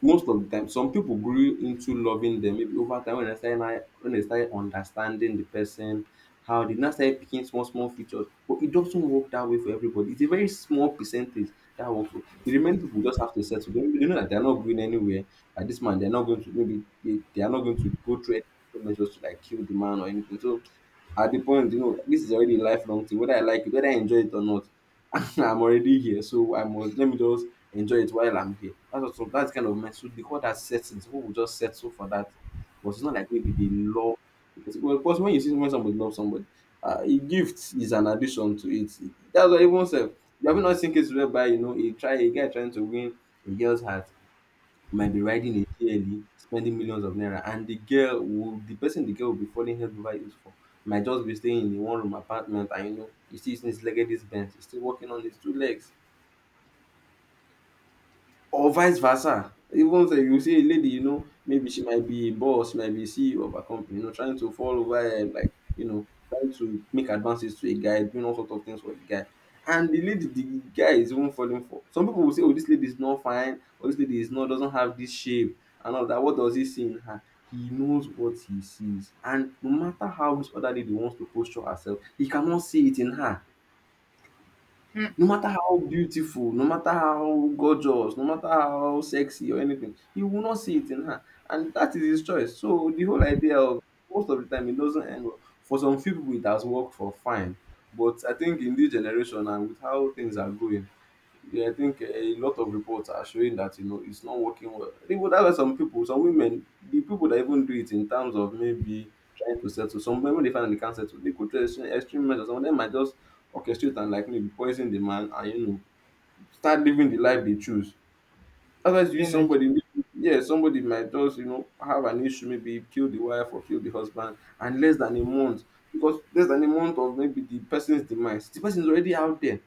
Most of the time some people grew into loving them maybe over time when they started now, when they started understanding the person, how they now started picking small small features, but it doesn't work that way for everybody. It's a very small percentage that works for. With the remaining people just have to settle. They know that they're not going anywhere at this man, they're not going to maybe, they are not going to go through any measures to like kill the man or anything. So at the point, you know, this is already a lifelong thing. Whether I like it, whether I enjoy it or not, I'm already here. So I must let me just enjoy it while I'm here. That's kind of mess. So they call that settling. Some people just settle for that. But it's not like maybe they love the person. Well, of course, when you see when somebody loves somebody, a gift is an addition to it. That's what everyone said. You have not seen cases whereby you know a try a guy trying to win a girl's heart, you might be riding a GLE, spending millions of naira, and the girl will, the girl will be falling head over heels for might just be staying in a one room apartment, and you know, he still sneeze legged this bent, he's still walking on his two legs, or vice versa. Even say you see a lady, you know, maybe she might be a boss, she might be CEO of a company, you know, trying to fall over and like, you know, trying to make advances to a guy, doing all sorts of things for the guy. And the lady, the guy is even falling for. Some people will say, oh, this lady is not fine, or this lady is not doesn't have this shape and all that. What does he see in her? He knows what he sees. And no matter how this other lady wants to posture herself, he cannot see it in her. No matter how beautiful, no matter how gorgeous, no matter how sexy or anything, he will not see it in her. And that is his choice. So the whole idea of most of the time it doesn't end well. For some few people it has worked for fine. But I think in this generation and with how things are going, yeah, I think a lot of reports are showing that you know it's not working well. I think that was some people, some women, the people that even do it in terms of maybe trying to settle. Some women when they find that they can't settle, they go to extreme, extreme measures. Some of them might just orchestrate and like maybe poison the man and you know start living the life they choose. Otherwise, you Then I somebody, yeah, somebody might just you know have an issue, maybe kill the wife or kill the husband, and less than a month, because less than a month of maybe the person's demise, the person is already out there.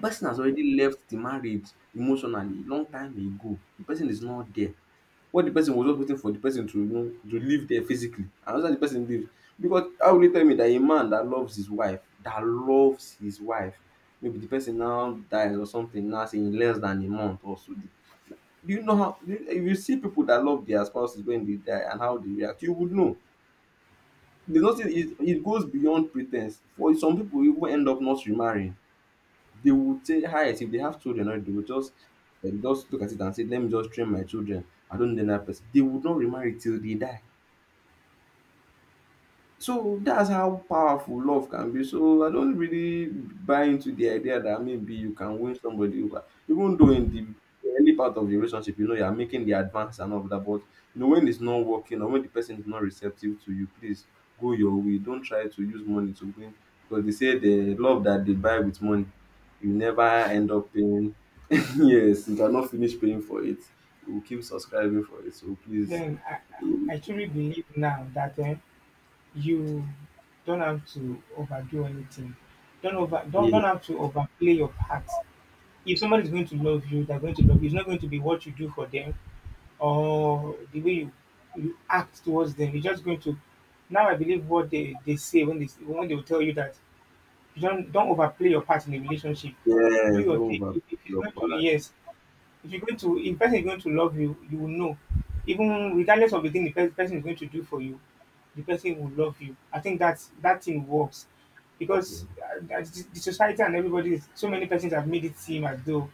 Person has already left the marriage emotionally long time ago. The person is not there. What the person was just waiting for the person to you know to live there physically, and after the person leaves, because how will you tell me that a man that loves his wife, that loves his wife, maybe the person now dies or something now say in less than a month or so. Do you know how, do you, if you see people that love their spouses when they die and how they react, you would know. There's nothing, it goes beyond pretense. For some people you even end up not remarrying. They would say highest if they have children, or they would just just look at it and say let me just train my children, I don't need another person. They would not remarry till they die. So that's how powerful love can be. So I don't really buy into the idea that maybe you can win somebody over, even though in the early part of the relationship, you know, you are making the advance and all of that. But you know, when it's not working or when the person is not receptive to you, please go your way. Don't try to use money to win, because they say the love that they buy with money, you never end up paying. yes, you cannot finish paying for it. You will keep subscribing for it. So please, then I truly believe now that eh, you don't have to overdo anything. Don't yes, have to overplay your part. If somebody's going to love you, they're going to love you. It's not going to be what you do for them or the way you, you act towards them. You're just going to now I believe what they say when they will tell you that you don't overplay your part in the relationship. Do yes, don't your thing. Overpay If it's your going to partner. yes, if you're going to if the person is going to love you, you will know. Even regardless of the thing the pe- person is going to do for you, the person will love you. I think that's that thing works because the society and everybody, is- so many persons have made it seem as though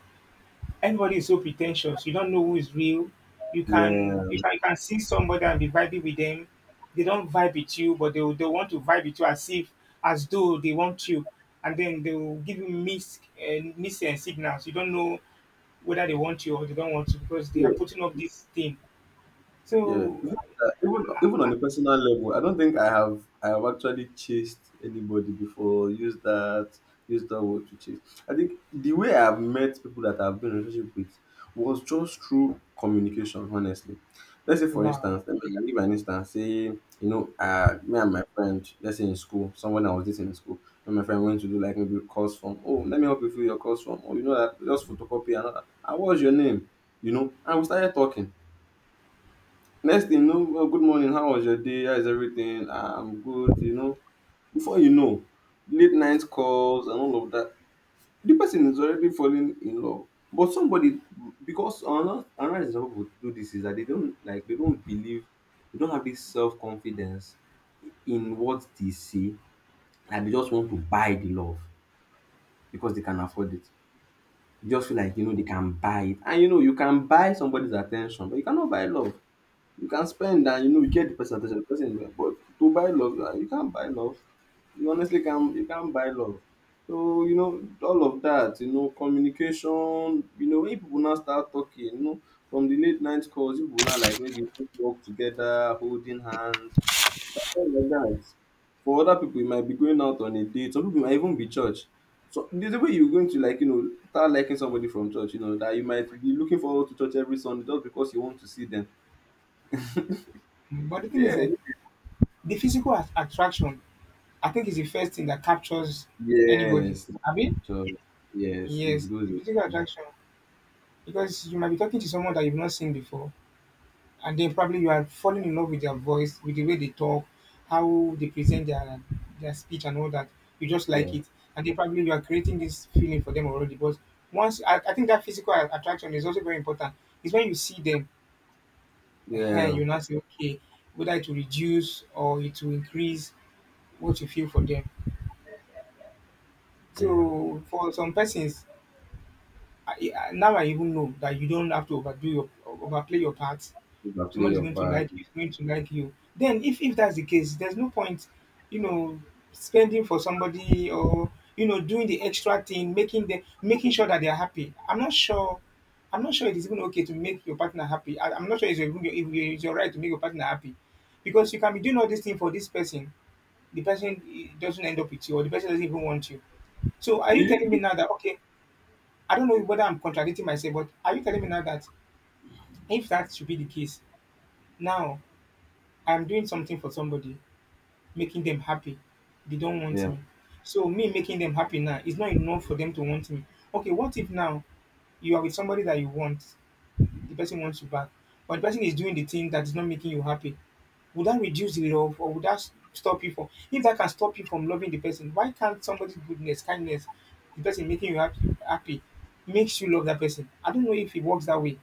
everybody is so pretentious. You don't know who is real. You can Yeah, you can you can see somebody and be vibing with them. They don't vibe with you, but they will- they want to vibe with you as if as though they want you, and then they will give you mis signals. You don't know whether they want you or they don't want you because they are yeah, putting up this thing. yeah. So, The thing is that. Even on a personal level, I don't think I have actually chased anybody before. Use that word to chase. I think the way I've met people that I've been in a relationship with was just through communication. Honestly, let's say for wow. instance, let me give an instance. Say you know, me and my friend, let's say in school, someone I was dating in school, and my friend went to do like maybe a course form. Oh, let me help you fill your course form. Oh, you know that just photocopy and all that. Ah, what's your name? You know, and we started talking. Next thing you know, "Well, good morning. How was your day? How is everything? Ah, I'm good." You know, before you know, late night calls and all of that. The person is already falling in love. But somebody, because another example people do this is that they don't like they don't believe, they don't have this self confidence in what they see, and they just want to buy the love because they can afford it. They just feel like they can buy it, and you can buy somebody's attention, but you cannot buy love. You can spend and you get the percentage, at the person, but to buy love, you can't buy love. You honestly can't, you can't buy love. So all of that, communication, when people now start talking, from the late night calls, people now like maybe work together, holding hands, all of that. For other people, you might be going out on a date. Some people might even be church. So there's a way you're going to like start liking somebody from church, that you might be looking forward to church every Sunday just because you want to see them. But the thing is, Yeah. eh, the physical at- attraction, I think, is the first thing that captures anybody. Yes. I mean, So, yes, it's yes, the good. physical attraction. Because you might be talking to someone that you've not seen before, and then probably you are falling in love with their voice, with the way they talk, how they present their speech, and all that. You just like Yeah. it, and then probably you are creating this feeling for them already. But once I think that physical a- attraction is also very important. It's when you see them Ehen, Yeah. you now say, okay, whether it will reduce or it will increase what you feel for them. Yeah. So for some persons, now I even know that you don't have to overdo your overplay your part. You can play Somebody's your going to part. like you, Do is going to like you. Then if that's the case, there's no point, you know, spending for somebody or you know, doing the extra thing, making sure that they're happy. I'm not sure it is even okay to make your partner happy. I'm not sure it's your, if it's your right to make your partner happy. Because you can be doing all these things for this person, the person eh, doesn't end up with you or the person doesn't even want you. So are you telling me you? now that okay, I don't know whether I'm contradicting myself, but are you telling me now that if that should be the case, now I'm doing something for somebody, making them happy. They don't want Yeah. me. So me making them happy now is not enough for them to want me. Okay, what if now you are with somebody that you want, the person wants you back, but the person is doing the thing that is not making you happy? Would that reduce the love, or would that stop you from, if that can stop you from loving the person, why can't somebody's goodness, kindness, the person making you happy makes you love that person? I don't know if it works that way.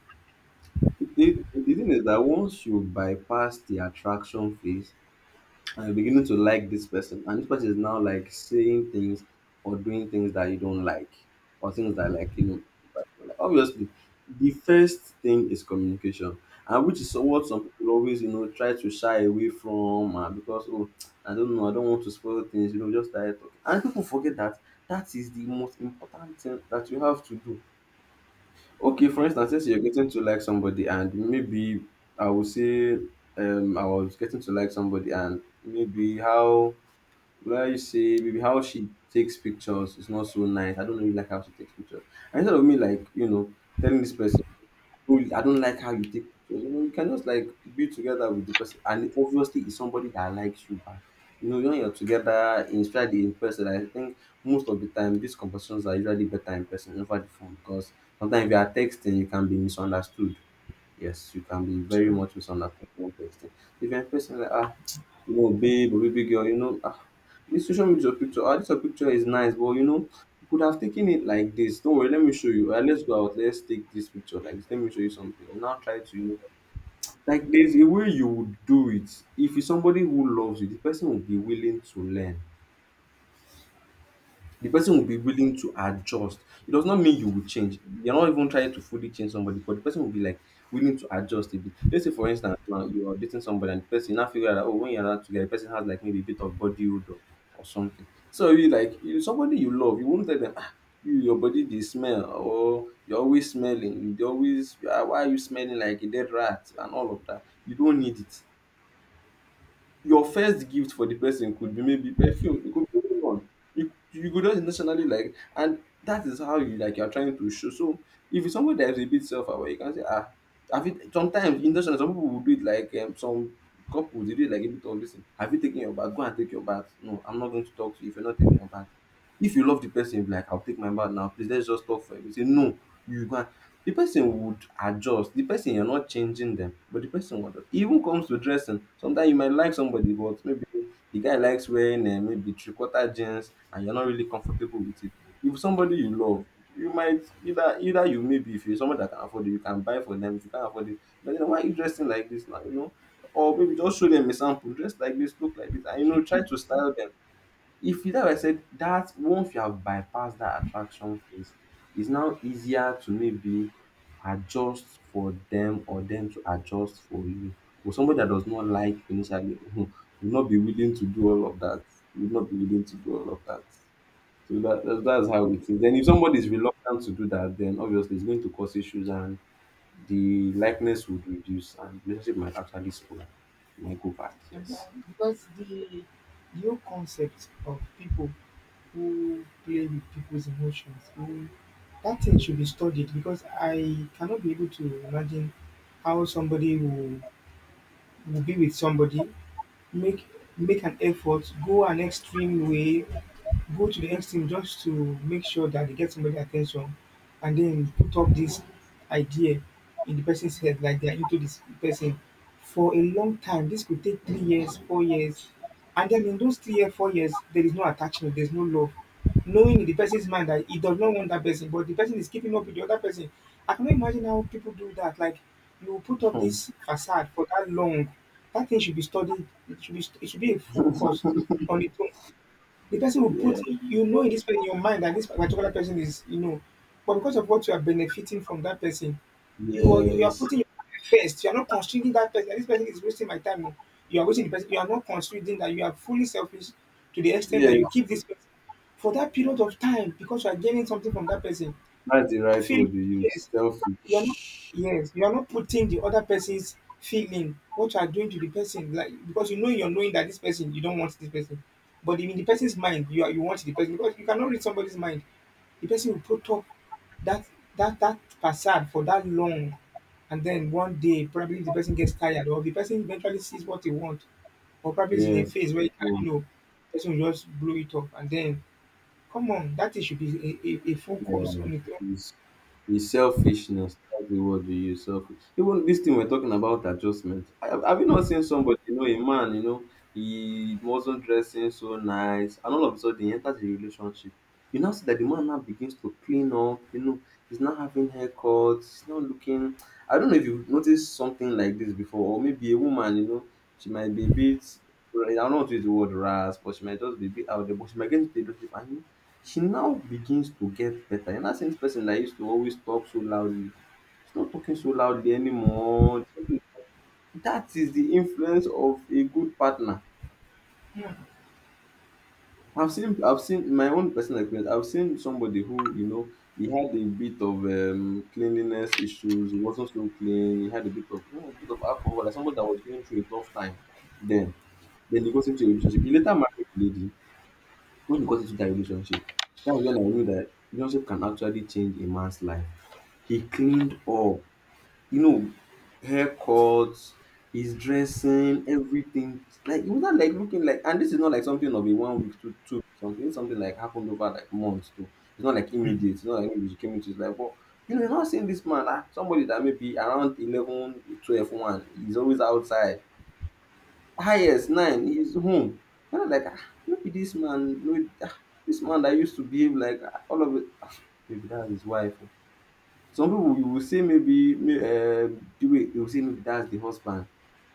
The thing is that once you bypass the attraction phase and you're beginning to like this person, and this person is now like saying things or doing things that you don't like, or things that like obviously, the first thing is communication, and which is what some people always, try to shy away from, because, oh, I don't know, I don't want to spoil things, just started talking. And people forget that that is the most important thing that you have to do. Okay, for instance, since you're getting to like somebody, and maybe I would say, I was getting to like somebody, and maybe how, well, you see, maybe how she takes pictures is not so nice. I don't really like how she takes pictures. And instead of me, like, telling this person, "Oh, I don't like how you take pictures," you can just like be together with the person. And obviously, it's somebody that likes you back. You know, when you're together, in especially in person, I think most of the time, these conversations are usually better in person over the phone, because sometimes if you are texting, you can be misunderstood. Yes, you can be So very much misunderstood when texting. If you're in person, like, babe or baby girl, this social media picture, this your picture is nice, but you could have taken it like this. Don't worry, let me show you. Let's go out, let's take this picture like this. Let me show you something. You now try to, like there's a way you would do it. If it's somebody who loves you, the person will be willing to learn, the person will be willing to adjust. It does not mean you will change. You're not even trying to fully change somebody, but the person will be like willing to adjust a bit. Let's say, for instance, now you are dating somebody and the person, you now figure out that, oh, when you're not together, the person has like maybe a bit of body odor or something. So you like, you somebody you love, you won't tell them, your body, they smell, or you're always smelling. You dey always, why are you smelling like a dead rat and all of that? You don't need it. Your first gift for the person could be maybe perfume. It could be anyone. You could just intentionally, like, and that is how, you like, you're trying to show. So if it's someone that is a bit self-aware, you can say, have it. Sometimes intentionally some people will do it like, some couples, they do it like a bit of, listen, have you taken your bath? Go and take your bath. No, I'm not going to talk to you if you're not taking your bath. If you love the person, you'll be like, I'll take my bath now, please, let's just talk for a bit. Say no, you go and, the person would adjust. The person, you're not changing them, but the person would adjust. Even comes to dressing. Sometimes you might like somebody, but maybe the guy likes wearing, maybe three quarter jeans, and you're not really comfortable with it. If somebody you love, you might either, either you maybe if you're someone that can afford it, you can buy for them. If you can't afford it, but then why are you dressing like this now? You know, or maybe just show them a sample. Dress like this, look like this, and you know, try to style them, if you that I said, that once you have bypassed that attraction phase, it's now easier to maybe adjust for them or them to adjust for you. For somebody that does not like initially will not be willing to do all of that. Would not be willing to do all of that. So that, that's how it is. Then if somebody is reluctant to do that, then obviously it's going to cause issues and the likeness would reduce and relationship might actually spoil. Might go back, okay. yes. Because the, your concept of people who play with people's emotions, who, that thing should be studied because I cannot be able to imagine how somebody who will be with somebody, make make an effort, go an extreme way, go to the extreme just to make sure that they get somebody attention and then put up this idea in the person's head like they are into this person for a long time. This could take 3 years, 4 years, and then in those 3 years, 4 years, there is no attachment, there's no love. Knowing in the person's mind that he does not want that person, but the person is keeping up with the other person. I cannot imagine how people do that. Like, you will put up Hmm. this facade for that long. That thing should be studied. It should be, it should be a full course on its own. The person will Yeah. put, you know, in this, in your mind that this particular person is, you know, but because of what you are benefiting from that person, you are, you are Yes. putting your first. You are not considering that person. This person is wasting my time. Oh. You are wasting the person. You are not considering that you are fully selfish to the extent that Yeah. you keep this person for that period of time because you are gaining something from that person. That's the right Feeling, word you use. yes. You are not, Selfish. yes, you are not putting the other person's feeling, what you are doing to the person, like because you know, you're knowing that this person, you don't want this person. But in the person's mind, you are, you want the person because you cannot read somebody's mind. The person will put up that, that facade for that long, and then one day probably the person gets tired or the person eventually sees what they want, or probably is in a Yes. phase where you can, People you know, person will just blow it up. And then come on, that thing should be a, a full course on its is is selfishness. That's the word you use. Selfish. Even this thing we're talking about, adjustment. Have you not seen somebody, you know, a man, you know, he wasn't dressing so nice, and all of a sudden he enters a relationship. You now see that the man now begins to clean up. You know, he's not having haircuts, he's not looking. I don't know if you've noticed something like this before, or maybe a woman, you know, she might be a bit, I don't want to use the word rasp, but she might just be a bit out there, but she might get into the relationship and she now begins to get better. You now see dis person that used to always talk so loudly, she's not talking so loudly anymore. That is the influence of a good partner. I've seen my own personal experience. I've seen somebody who, you know, he had a bit of cleanliness issues, he wasn't so clean, he had a bit of, you know, a bit of alcohol, like somebody that was going through a tough time then. Then he got into a relationship. He later married a lady. When you got into that relationship, that's when I knew that relationship can actually change a man's life. He cleaned up, you know, haircuts, his dressing, everything. Like, it was not like looking like, and this is not like something of a one week to two something. It's something like happened over like months too. It's not like own. immediate. It's not like maybe she came into his life, but you know, you're not seeing this man, somebody that maybe around 11, 12, one 12, he's always outside, highest nine is home. And I'm like, no be this man, no, be- this man that used to behave like, all of it. Maybe that's his wife. Oh. Some people, you will say, maybe, the way they will say, maybe that's the husband,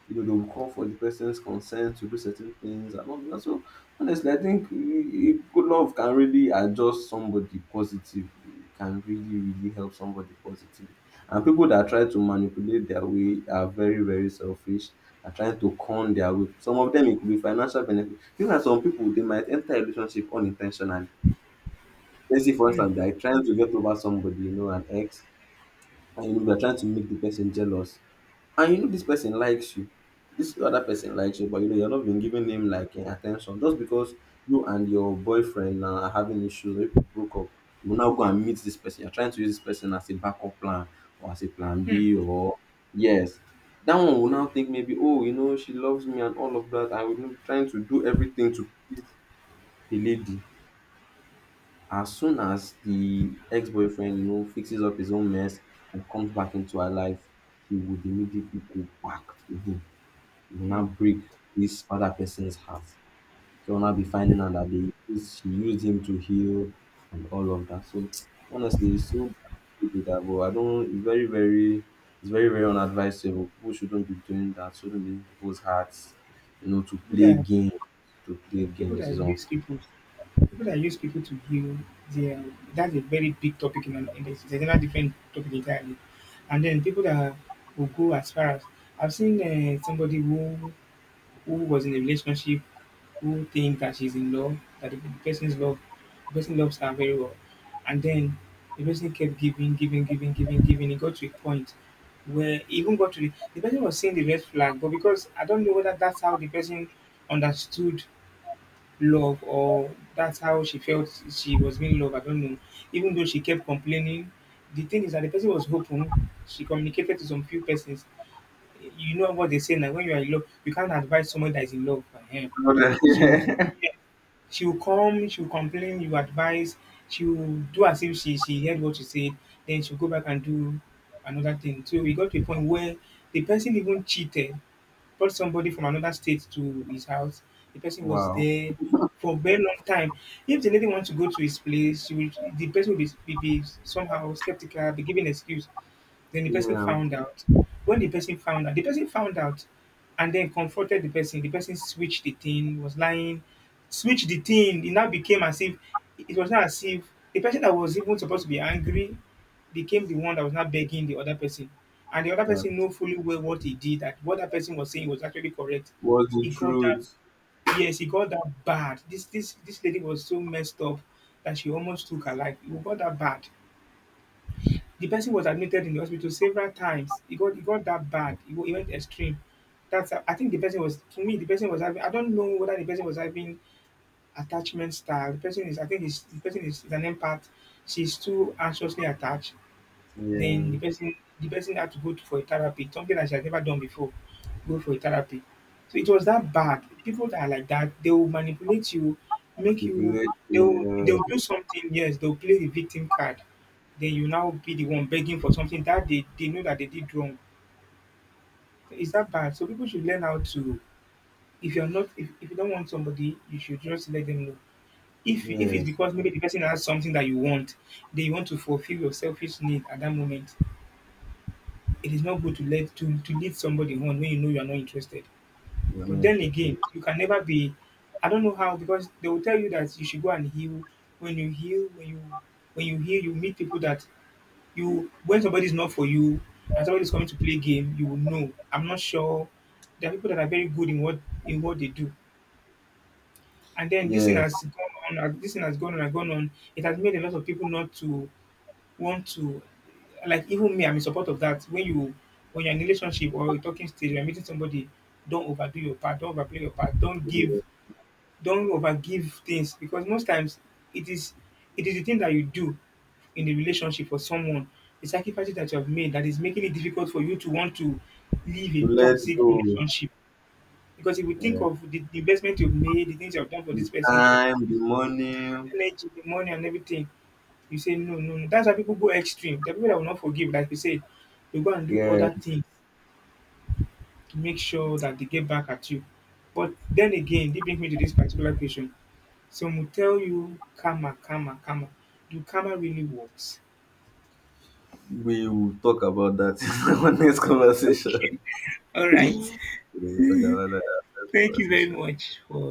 you know, they'll call for the person's consent to do certain things and all that. So honestly, I think, good love can really adjust somebody positively. It can really, really help somebody positively. And people that try to manipulate their way are very, very selfish. Are trying to con their way. Some of them, it could be financial benefit. You know, some people they might enter a relationship unintentionally. Let's say, for Hmm, instance, they are trying to get over somebody, you know, an ex, and you know, we are trying to make the person jealous, and you know, this person likes you, this other person likes you, but you know, you're not been giving him like, attention, just because you and your boyfriend now are having issues, you broke up, you will now go and meet this person, you're trying to use this person as a backup plan, or as a plan B, or yes, that one will now think, maybe, oh, you know, she loves me and all of that, I will be trying to do everything to please the lady. As soon as the ex-boyfriend, you know, fixes up his own mess and comes back into her life, he would immediately go back to him. He will now break this other person's heart. So will now be finding out that they used, she used him to heal and all of that. So honestly, it's so bad, people do that, but I don't. It's very, very unadvisable. People shouldn't be doing that. Shouldn't be in people's hearts, you know, to people play that, games. To play people games that is use unfair. people people that use people to heal their, that's a very big topic in an, in this, it's another different topic entirely. And then people that will go as far as, I've seen somebody who was in a relationship, who think that she's in love, that the person's love, the person loves her very well. And then the person kept giving. It got to a point where it even got to the person was seeing the red flag, but because I don't know whether that's how the person understood love or that's how she felt she was being loved, I don't know. Even though she kept complaining, the thing is that the person was open. She communicated to some few persons. You know what they say now. When you are in love, you can't advise someone that is in love. For him. She will, yeah, she will come. She will complain. You advise. She will do as if she, heard what you said. Then she'll go back and do another thing. So we got to a point where the person even cheated, brought somebody from another state to his house. The person was Wow. there for a very long time. If the lady wants to go to his place, she will, the person will be somehow skeptical, be giving excuse. Then the person Yeah. found out. When the person found out, the person found out and then confronted the person. The person switched the thing, was lying, switched the thing. It now became as if, it was not as if the person that was even supposed to be angry became the one that was not begging the other person. And the other person knew fully well what he did, that what that person was saying was actually correct. Was He the got that, truth. yes, he got that bad. This lady was so messed up that she almost took her life. It got that bad. The person was admitted in the hospital several times. It got, that bad. It, it went extreme. That's how, I think the person was, to me, the person was having, I don't know whether the person was having attachment style. The person is, I think is, the person is an empath. She's too anxiously attached. Then Yeah. The person had to for a therapy, something that she has never done before, go for a therapy. So it was that bad. People that are like that, they will manipulate you, make you, Manipulate. they'll Yeah. they'll do something, yes, they'll play the victim card. Then you now be the one begging for something that they know that they did wrong. It's that bad. So people should learn how to, if you're not, if you don't want somebody, you should just let them know. If, it's Yes. because maybe the person has something that you want, they want to fulfill your selfish need at that moment. It is not good to let, to lead somebody on when you know you are not interested. You're not But then interested. again, you can never be. I don't know how, because they will tell you that you should go and heal. When you heal, when you, when you heal, you meet people that, you, when somebody is not for you and somebody is coming to play game, you will know. I'm not sure. There are people that are very good in what, in what they do, and then this thing Yes. has gone on. This thing has gone on and gone on. It has made a lot of people not to want to, like even me, I'm in support of that. When you, when you're in a relationship or a talking stage, you're meeting somebody, don't overdo your part, don't overplay your part, don't give, Yeah. don't overgive things because most times it is, it is the thing that you do in the relationship for someone, the sacrifices that you have made that is making it difficult for you to want to leave To a let toxic go. relationship. Because if you think Yeah. of the investment you've made, the things you've done for this The person, time, the the money. energy, the money and everything, you say no, no, no. That's why people go extreme. The people that will not forgive, like you say, they go and do Yeah. other things to make sure that they get back at you. But then again, they bring me to this particular question. Some will tell you karma, karma, karma. Do karma really works? We will talk about that in our next conversation. Okay. All right. We will talk about that in our next Thank you very conversation. much for